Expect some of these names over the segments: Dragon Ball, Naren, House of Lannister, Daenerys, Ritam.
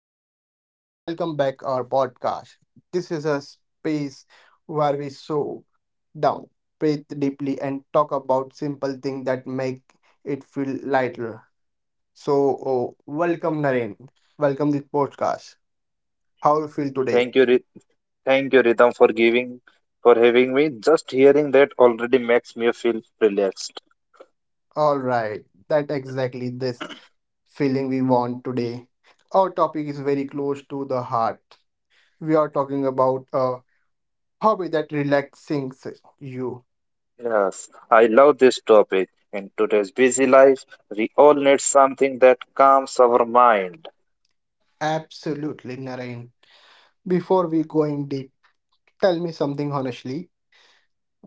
everyone, and welcome back our podcast. This is a space where we slow down, breathe deeply, and talk about simple things that make it feel lighter. So, oh, welcome, Naren. Welcome this podcast. How you feel today? Thank you, Ritam, for for having me. Just hearing that already makes me feel relaxed. All right, that exactly this feeling we want today. Our topic is very close to the heart. We are talking about a hobby that relaxes you. Yes, I love this topic. In today's busy life, we all need something that calms our mind. Absolutely, Naren. Before we going deep, tell me something honestly.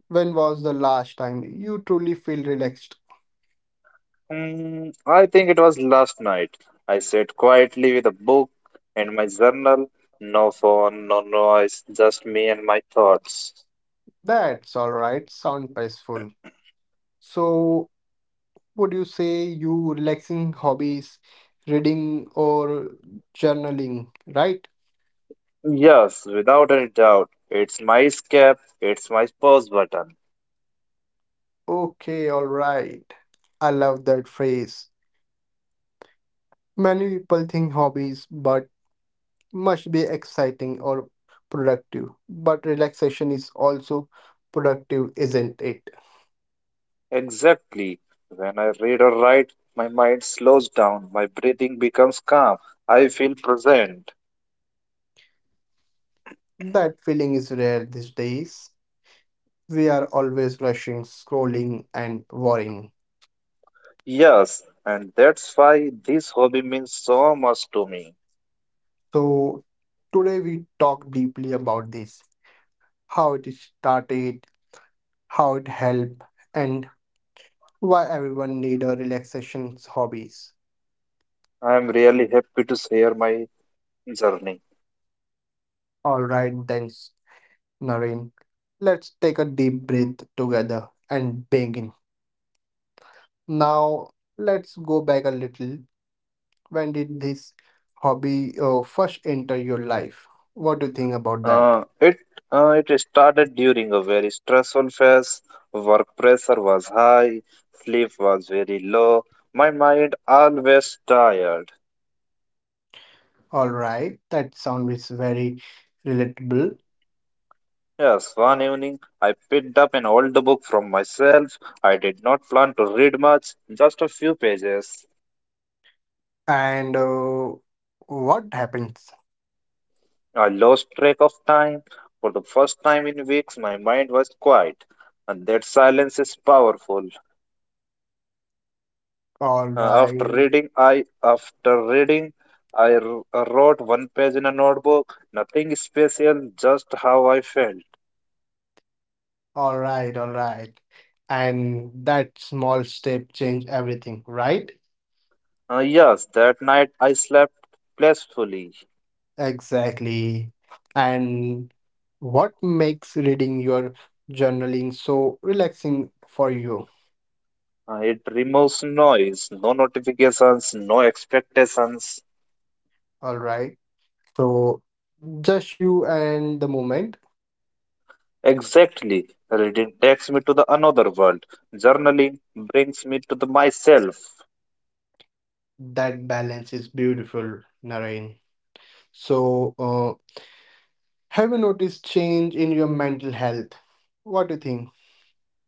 When was the last time you truly feel relaxed? Hmm, I think it was last night. I sat quietly with a book and my journal. No phone, no noise, just me and my thoughts. That's all right, sound peaceful. So, would you say you relaxing hobbies, reading or journaling, right? Yes, without any doubt, it's my escape. It's my pause button. Okay, all right. I love that phrase. Many people think hobbies but must be exciting or productive. But relaxation is also productive, isn't it? Exactly. When I read or write, my mind slows down, my breathing becomes calm, I feel present. That feeling is rare these days. We are always rushing, scrolling, and worrying. Yes, and that's why this hobby means so much to me. So, today we talk deeply about this how it started, how it helped, and why everyone need a relaxation hobbies. I am really happy to share my journey. Alright then, Naren, let's take a deep breath together and begin. Now, let's go back a little. When did this hobby first enter your life? What do you think about that? Uh, it it started during a very stressful phase. Work pressure was high, sleep was very low, my mind always tired. All right, that sound is very relatable. Yes, one evening I picked up an old book from myself. I did not plan to read much, just a few pages. And what happens? I lost track of time. For the first time in weeks, my mind was quiet, and that silence is powerful. All After right, reading, I after reading, I wrote one page in a notebook. Nothing special, just how I felt. all right, all right. And that small step change everything, right? Yes, that night I slept blissfully. Exactly. And what makes reading your journaling so relaxing for you? It removes noise, no notifications, no expectations. All right. So just you and the moment. Exactly. Reading takes me to the another world. Journaling brings me to the myself. That balance is beautiful, Narain. So, Have you noticed change in your mental health? What do you think?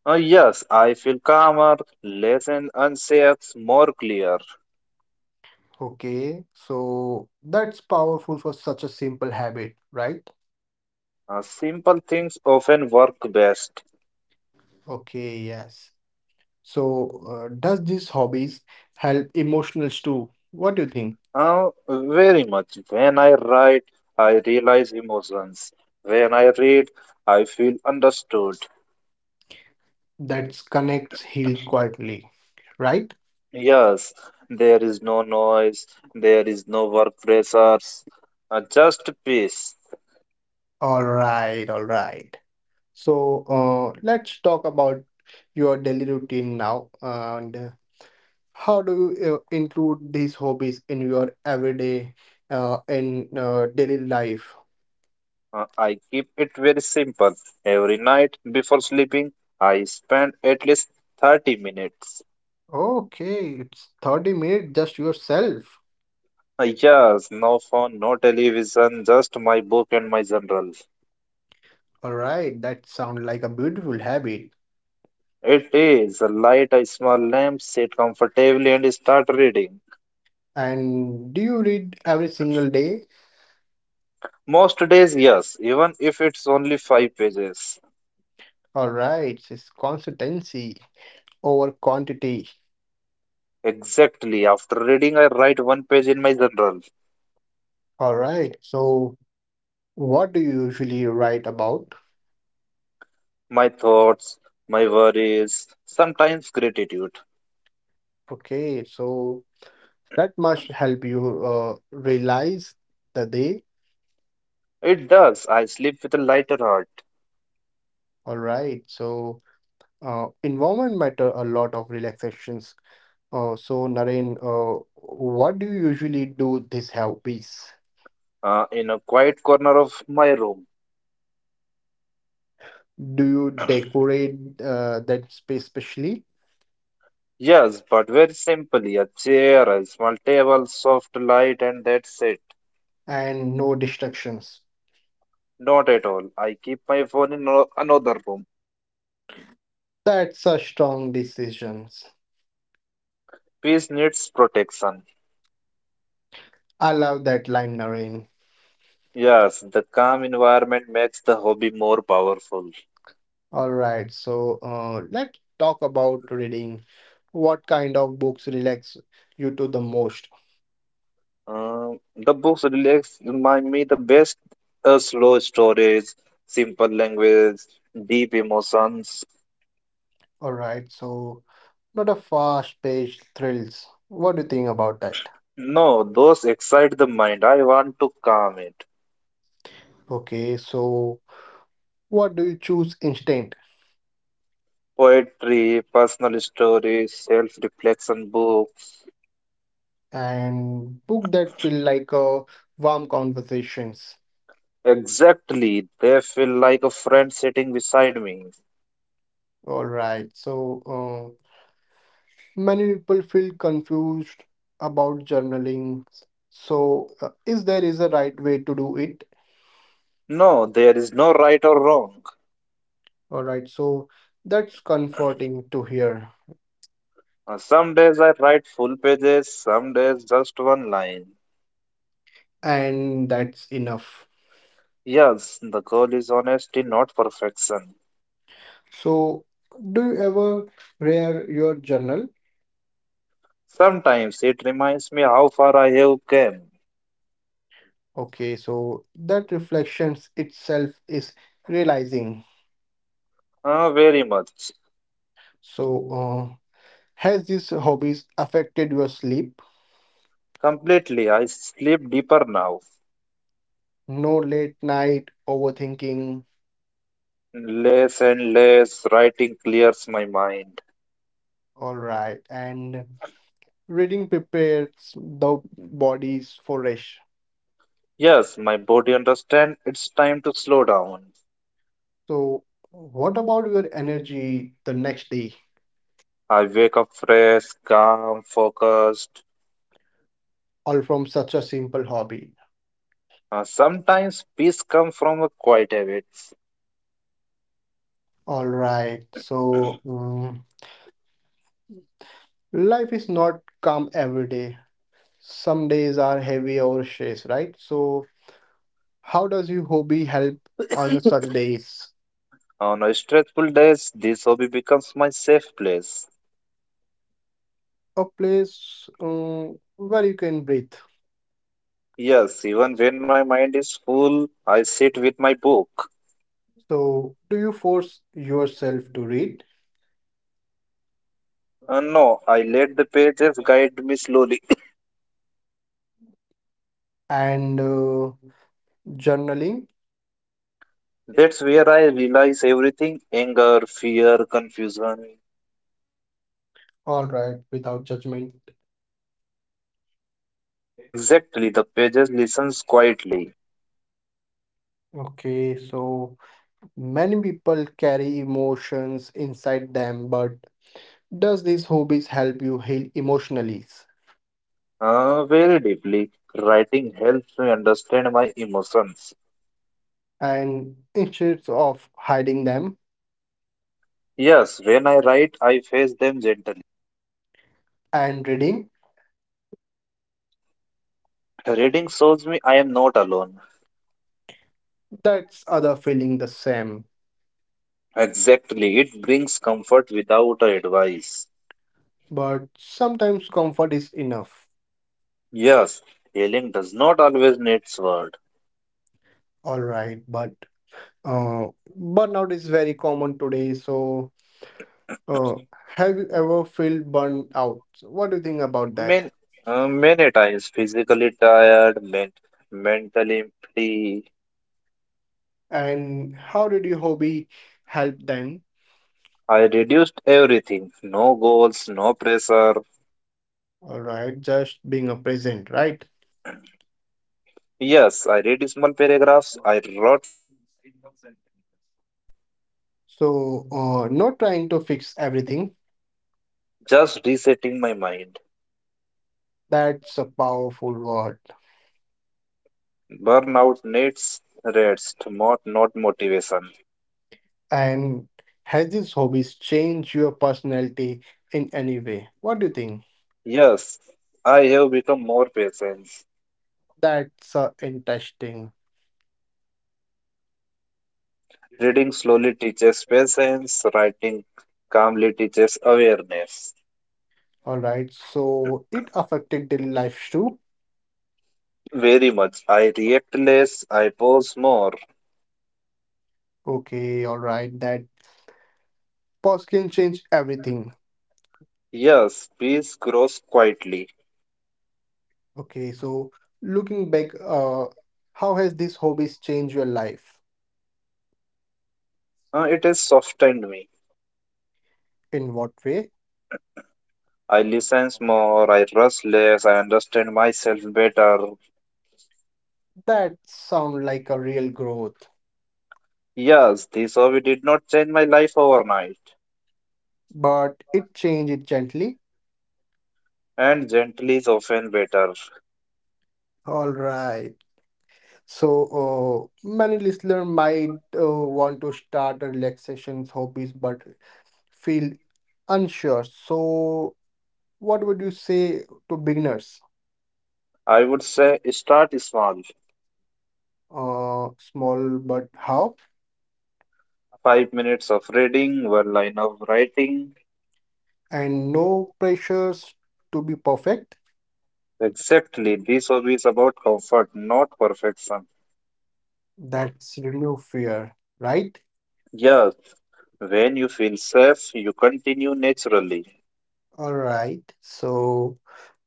Yes, I feel calmer, less and anxious, more clear. Okay, so that's powerful for such a simple habit, right? Simple things often work best. Okay, yes. So, does these hobbies help emotionals too? What do you think? Very much. When I write, I realize emotions. When I read, I feel understood. That connects heal quietly, right? Yes, there is no noise, there is no work pressures, just peace. All right, all right. So, let's talk about your daily routine now. And How do you include these hobbies in your everyday, in daily life? I keep it very simple. Every night before sleeping, I spend at least 30 minutes. Okay, it's 30 minutes just yourself. Yes, no phone, no television, just my book and my journal. All right, that sounds like a beautiful habit. It is a light, a small lamp, sit comfortably and start reading. And do you read every single day? Most days, yes, even if it's only five pages. All right, it's consistency over quantity. Exactly. After reading, I write one page in my journal. All right, so what do you usually write about? My thoughts, my worries, sometimes gratitude. Okay, so that must help you realize the day. It does. I sleep with a lighter heart All right, so environment matter a lot of relaxations. So Naren, what do you usually do this hobbies? uh, in a quiet corner of my room. Do you decorate that space specially Yes, but very simply a chair, a small table, soft light, and that's it. and no distractions? Not at all. I keep my phone in another room. That's a strong decisions. Peace needs protection. I love that line, Naren. Yes, the calm environment makes the hobby more powerful. All right, so let's talk about reading. What kind of books relax you to the most? The books relax remind me the best, slow stories, simple language, deep emotions. All right, so not a fast-paced thrills. What do you think about that? No, those excite the mind. I want to calm it. Okay, so what do you choose Instant. Poetry, personal stories, self-reflection books. And book that feel like a warm conversations. Exactly, they feel like a friend sitting beside me. All right. So uh, many people feel confused about journaling. So is there is a right way to do it? No, there is no right or wrong. All right. So that's comforting to hear, Some days I write full pages, some days just one line. and that's enough. Yes, the goal is honesty, not perfection. So do you ever read your journal? Sometimes it reminds me how far I have come. Okay, so that reflections itself is realizing. Ah, very much. So, has these hobbies affected your sleep? Completely. I sleep deeper now. No late night overthinking. Less and less writing clears my mind. All right. And reading prepares the bodies for rest. Yes, my body understands it's time to slow down. So, what about your energy the next day? I wake up fresh, calm, focused. All from such a simple hobby. Ah, sometimes peace comes from a quiet habits. All right. So, life is not calm every day. Some days are heavy or stress, right? So, how does your hobby help on such days? On a stressful days, this hobby becomes my safe place. A place where you can breathe. Yes, even when my mind is full, I sit with my book. So, do you force yourself to read? No, I let the pages guide me slowly. And journaling, That's where I realize everything anger, fear, confusion. all right, without judgment. Exactly, the pages listens quietly, Okay, so many people carry emotions inside them, but does these hobbies help you heal emotionally? Very deeply. Writing helps me understand my emotions. And instead of hiding them Yes, when I write, I face them gently. and reading, Reading shows me I am not alone. that's other feeling the same. Exactly, it brings comfort without advice. But sometimes comfort is enough. Yes, healing does not always need words. All right, but uh, burnout is very common today. So, uh, have you ever felt burned out? So what do you think about that? Many, Many times physically tired, mentally empty. And how did your hobby help then? I reduced everything. No goals, no pressure. All right, just being a present, right? Yes, I read small paragraphs. I wrote something simple sentences. So, not trying to fix everything. Just resetting my mind. That's a powerful word. Burnout needs rest, not motivation. And has these hobbies changed your personality in any way? What do you think? Yes, I have become more patient. That's interesting. Reading slowly teaches patience. Writing calmly teaches awareness. All right, so it affected daily life too. Very much. I react less, I pause more. Okay, all right, that pause can change everything. Yes, peace grows quietly. Okay, so looking back, how has these hobbies changed your life? It is softened me. In what way? I listen more, I rush less, I understand myself better. That sound like a real growth, Yes, this hobby did not change my life overnight, but it changed it gently. and gently is often better. All right. So many listener might want to start a relaxation hobbies, but feel unsure. So, what would you say to beginners? I would say start small. Small but how? 5 minutes of reading, one line of writing. And no pressures to be perfect. Exactly, this hobby is about comfort, not perfection. That's remove fear, right? Yes, when you feel safe, you continue naturally. All right. So,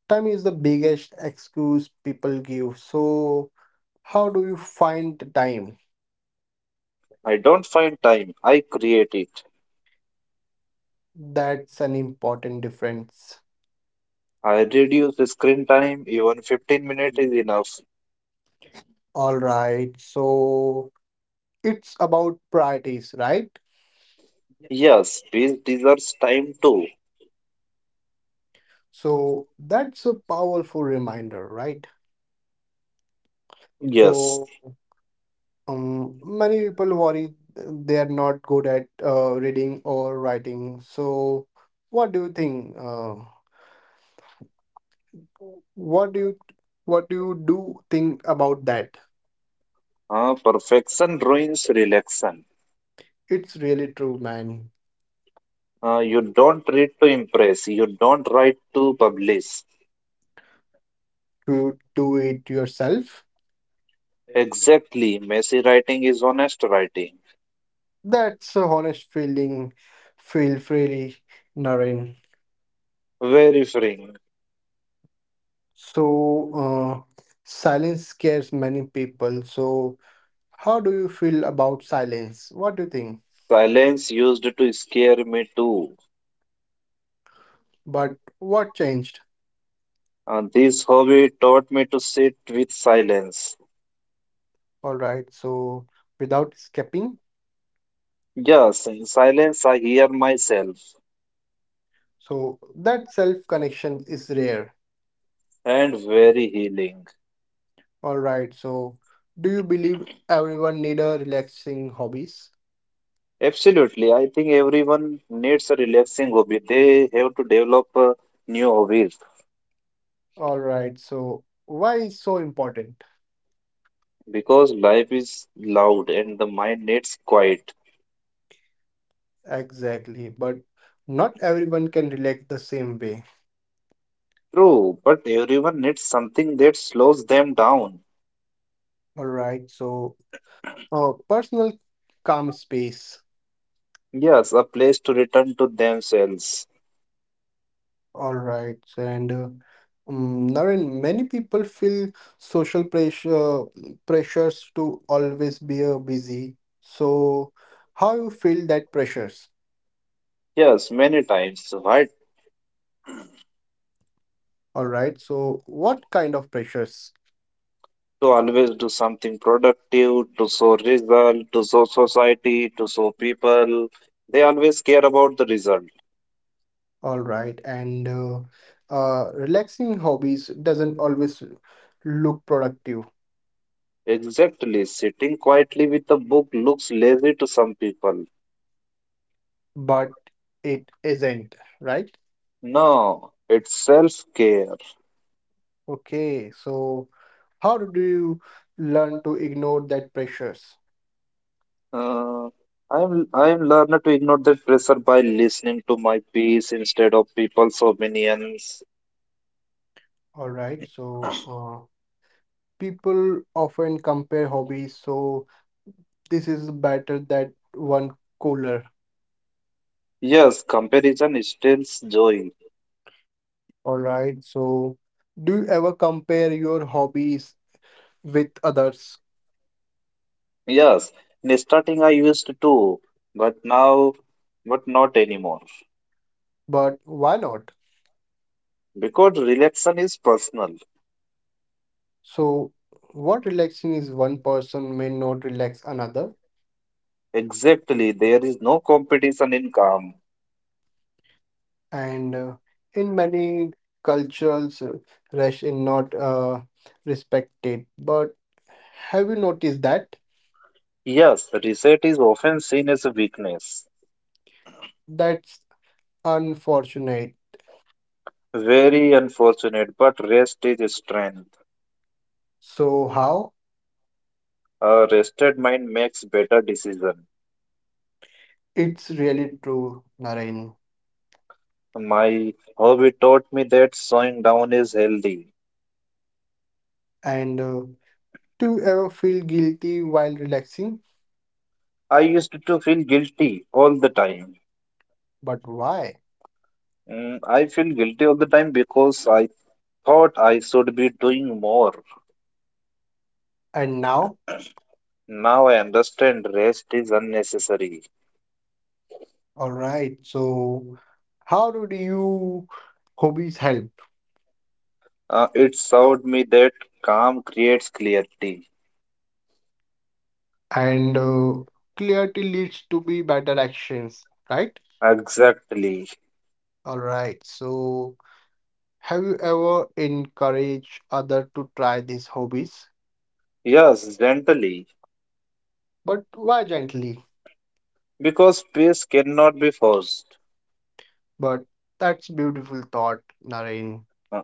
time is the biggest excuse people give. So, how do you find the time? I don't find time, I create it. That's an important difference. I reduce the screen time, even 15 minutes is enough. All right. So, it's about priorities, right? Yes, peace deserves time too. So that's a powerful reminder, right? Yeah. Yes, So many people worry they are not good at reading or writing. So what do you think? What do you do think about that? Perfection ruins relaxation. It's really true, man. You don't read to impress, you don't write to publish. To do it yourself. Exactly, messy writing is honest writing. That's a honest feeling. Feel freely, Naren. Very freeing. So, silence scares many people. So, How do you feel about silence? What do you think? Silence used to scare me too. But what changed? This hobby taught me to sit with silence. All right, so without skipping, Yes, in silence I hear myself. so that self connection is rare. And very healing. All right, so do you believe everyone need a relaxing hobbies? Absolutely. I think everyone needs a relaxing hobby. They have to develop a new hobbies All right, so why is so important? because life is loud and the mind needs quiet. Exactly, but not everyone can relax the same way. True, but everyone needs something that slows them down. All right, so a personal calm space. Yes, a place to return to themselves. All right, and Naren, many people feel social pressure pressures to always be busy. So, how you feel that pressures? Yes, many times. Why All right. So, what kind of pressures? to always do something productive, to show result, to show society, to show people? They always care about the result. All right, and relaxing hobbies doesn't always look productive, Exactly, sitting quietly with a book looks lazy to some people. but it isn't, right? No, it's self-care. Okay, so how do you learn to ignore that pressures? Uh, I'm learning to ignore that pressure by listening to my peace instead of people's opinions. All right, so people often compare hobbies, so this is better that one cooler. Yes, comparison steals joy. All right, so do you ever compare your hobbies with others? Yes, in starting I used to, but but not anymore. But why not? Because relaxation is personal. So, what relaxing is one person may not relax another. Exactly, there is no competition in calm. And in many cultures rest is not respected, but have you noticed that? Yes, reset is often seen as a weakness. That's unfortunate. Very unfortunate, but rest is a strength. So how A rested mind makes better decision. it's really true, Naren. My hobby taught me that slowing down is healthy. And do you ever feel guilty while relaxing? I used to feel guilty all the time. But why? I feel guilty all the time because I thought I should be doing more. And now? Now I understand rest is unnecessary. All right, so how do you hobbies help? It showed me that calm creates clarity. And clarity leads to be better actions, right? Exactly. All right. So, have you ever encouraged other to try these hobbies? Yes, gently. But why gently? Because peace cannot be forced. But that's beautiful thought, Naren. Uh,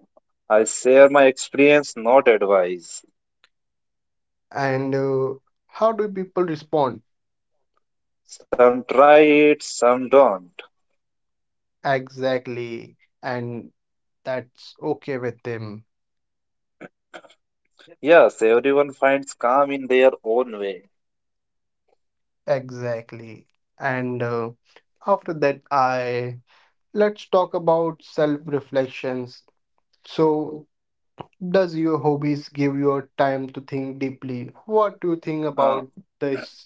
I share my experience, not advice. And how do people respond? Some try it, some don't. Exactly. And that's okay with them. Yes, everyone finds calm in their own way. Exactly. And after that, I let's talk about self reflections. So, Does your hobbies give you time to think deeply? What do you think Uh, about this?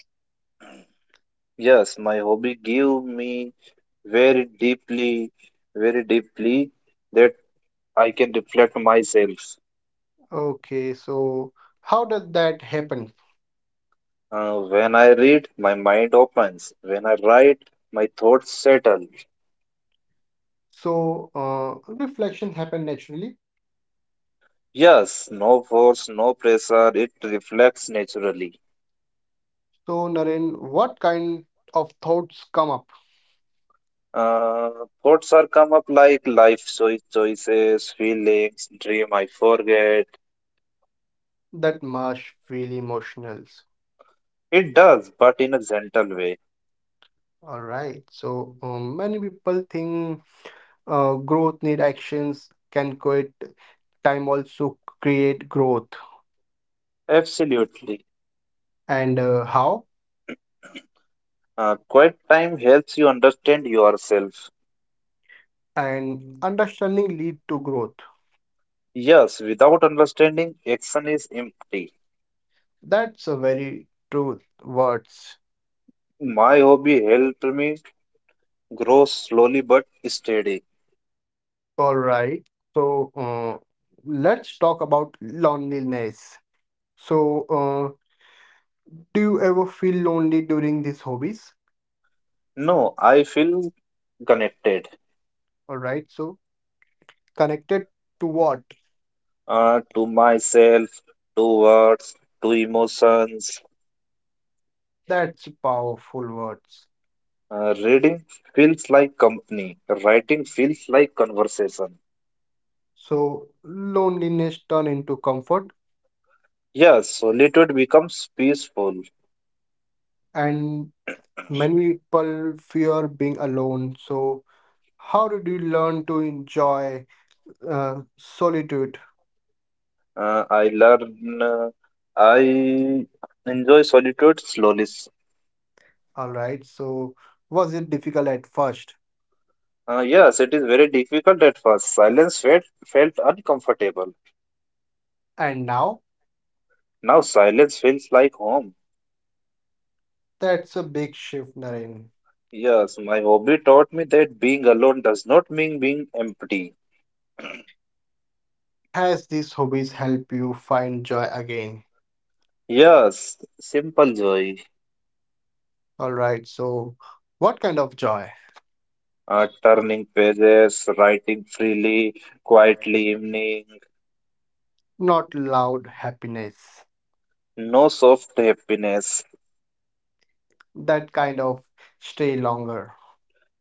yes, my hobby give me very deeply, very deeply that I can reflect myself. Okay, so how does that happen? When I read, my mind opens. When I write, my thoughts settle. So reflection happen naturally. Yes, no force, no pressure. It reflects naturally. So Naren, what kind of thoughts come up Uh, Thoughts are come up like life choice, choices, feelings, dream I forget. that must feel emotional? It does, but in a gentle way. All right. So many people think growth need actions. Can quit time also create growth? Absolutely. And how? Quiet time helps you understand yourself. And understanding lead to growth. Yes, without understanding, action is empty. That's a very true words. My hobby helped me grow slowly but steady. All right. So let's talk about loneliness. So do you ever feel lonely during these hobbies? No, I feel connected All right. So connected to what? uh, to myself, to words, to emotions. That's powerful words. Reading feels like company, writing feels like conversation. So loneliness turn into comfort, Yes, solitude becomes peaceful. and many people fear being alone. So how did you learn to enjoy solitude? Uh, I learn, uh, I enjoy solitude slowly. All right. So, was it difficult at first? Yes, it is very difficult at first. Silence felt uncomfortable. And now? Now silence feels like home. That's a big shift, Naren. Yes, my hobby taught me that being alone does not mean being empty. Has these hobbies help you find joy again? Yes, simple joy. All right. So, what kind of joy? Uh, turning pages, writing freely, quietly evening, Not loud happiness. no soft happiness. That kind of stay longer.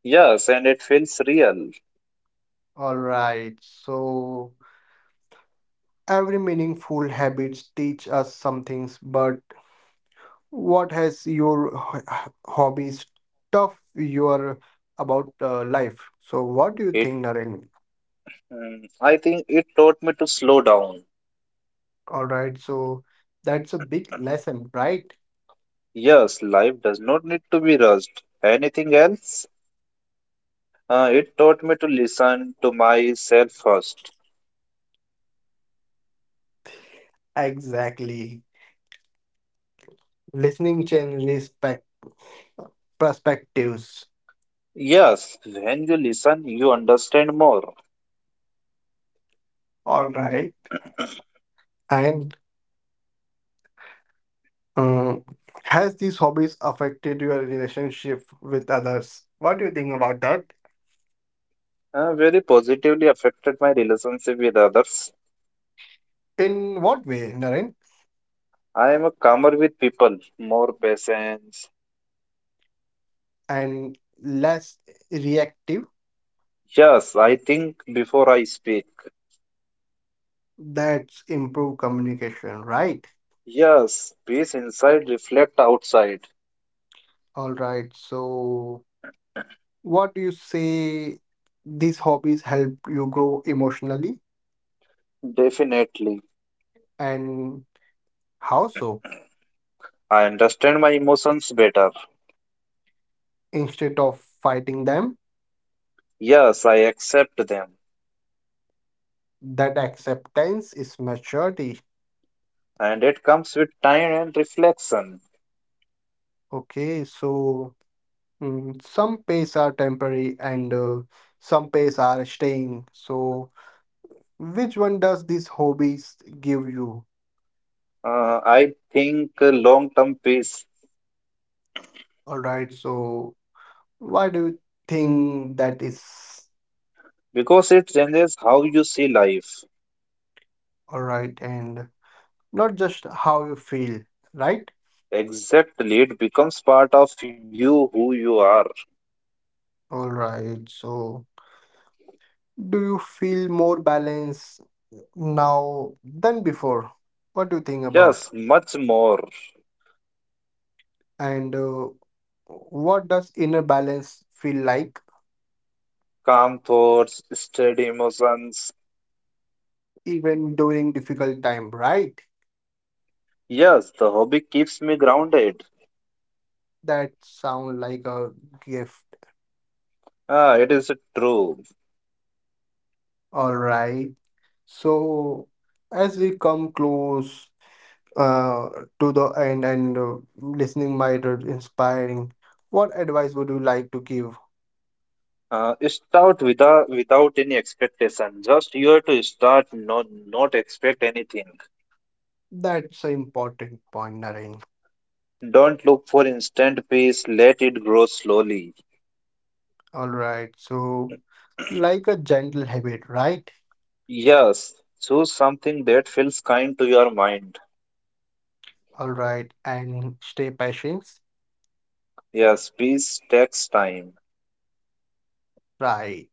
Yes, and it feels real. All right. So, every meaningful habits teach us some things, but what has your hobbies tough your about life? So what do you It, think, Naren? I think it taught me to slow down. All right, so that's a big lesson, right? Yes, life does not need to be rushed. Anything else? It taught me to listen to myself first. Exactly. Listening changes spec perspectives. Yes, when you listen, you understand more. All right. And um, has these hobbies affected your relationship with others? What do you think about that? Very positively affected my relationship with others. In what way, Naren? I am a calmer with people, more patient. And less reactive? Yes, I think before I speak. That's improved communication, right? Yes, peace inside, reflect outside. All right. So, what do you say these hobbies help you grow emotionally Definitely. and how so? I understand my emotions better. Instead of fighting them, Yes, I accept them. that acceptance is maturity. And it comes with time and reflection. Okay. So, some pace are temporary and some pace are staying. So, which one does these hobbies give you? I think long term peace All right. So, why do you think that is? because it changes how you see life. All right, and not just how you feel, right? Exactly, it becomes part of you who you are. All right, so do you feel more balanced now than before? What do you think about? Yes, much more. And what does inner balance feel like Calm thoughts, steady emotions. even during difficult time, right? Yes, the hobby keeps me grounded. That sound like a gift. Ah, it is true. All right. So as we come close uh, to the end and listening might be inspiring. What advice would you like to give? Start without any expectation. Just you have to start, not expect anything. That's an important point, Naren. Don't look for instant peace. Let it grow slowly. All right. So, like a gentle habit, right? Yes, choose something that feels kind to your mind. All right. And stay patient, Yes, peace takes time. right?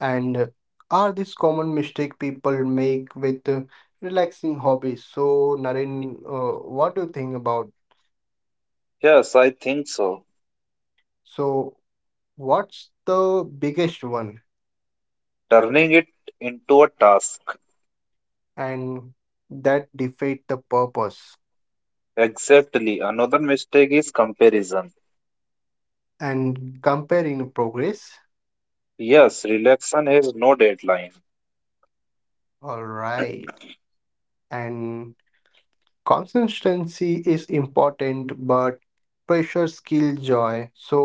And are these common mistake people make with relaxing hobbies? So, Naren, what do you think about? Yes, I think so. So, what's the biggest one? Turning it into a task. And that defeat the purpose. Exactly. Another mistake is comparison. And comparing progress. Yes, relaxation has no deadline. All right. And consistency is important, but pressure skill joy. So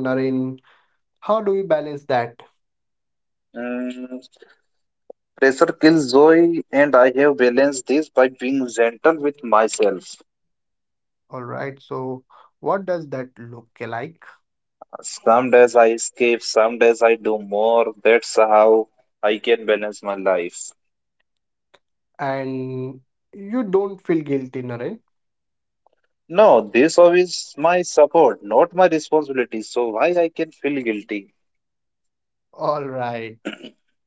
Naren, how do we balance that? Mm, Pressure kills joy, and I have balanced this by being gentle with myself. All right, so what does that look like? Some days I escape, some days I do more. That's how I can balance my life. And you don't feel guilty, Naren? No, this job is my support, not my responsibility. So why I can feel guilty? All right.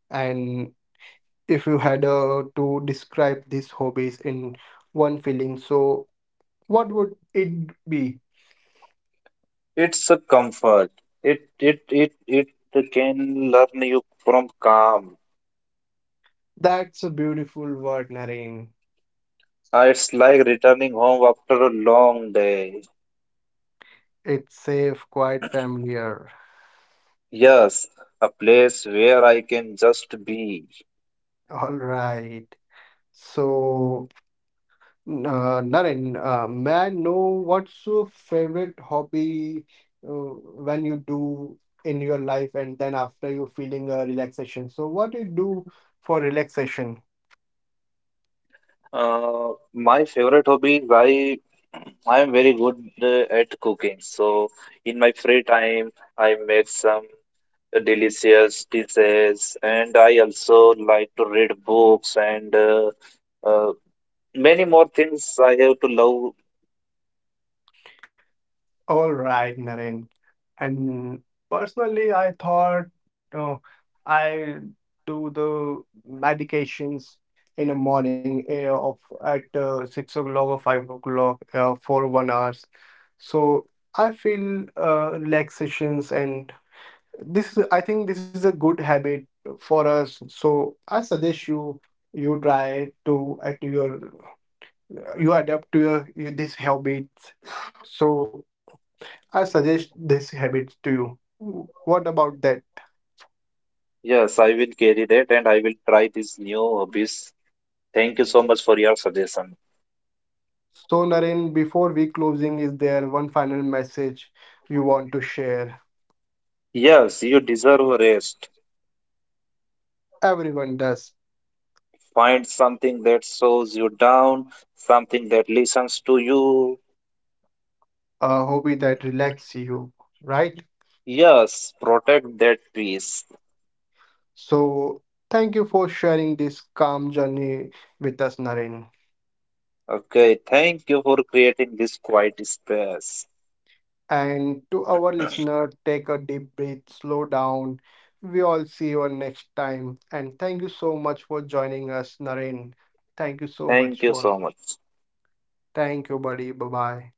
And if you had to describe these hobbies in one feeling, so what would it be? It's a comfort. It can learn you from calm. That's a beautiful word, Naren. It's like returning home after a long day. It's safe, quite familiar. Yes, a place where I can just be. All right. So, uh, Naren, may I know what's your favorite hobby uh, when you do in your life and then after you feeling a relaxation? So, what do you do for relaxation? My favorite hobby is I am very good at cooking. So in my free time, I make some delicious dishes, and I also like to read books and uh, many more things I have to love. All right, Naren. And personally, I thought uh, I do the medications in the morning of at 6 o'clock or 5 o'clock for 1 hours. So I feel relaxations, and this is I think this is a good habit for us. So I suggest you try to at your you adapt to your this habits. So I suggest this habit to you. What about that? Yes, I will carry that, and I will try these new hobbies. Thank you so much for your suggestion. So, Naren, before we closing, is there one final message you want to share? Yes, you deserve a rest. Everyone does. Find something that slows you down, something that listens to you, A hobby that relaxes you, right? Yes, protect that peace. So, thank you for sharing this calm journey with us, Naren. Okay, thank you for creating this quiet space. And to our listener, take a deep breath, slow down. We all see you all next time. And thank you so much for joining us, Naren. Thank you so Thank much you for. so much. Thank you, buddy. Bye bye.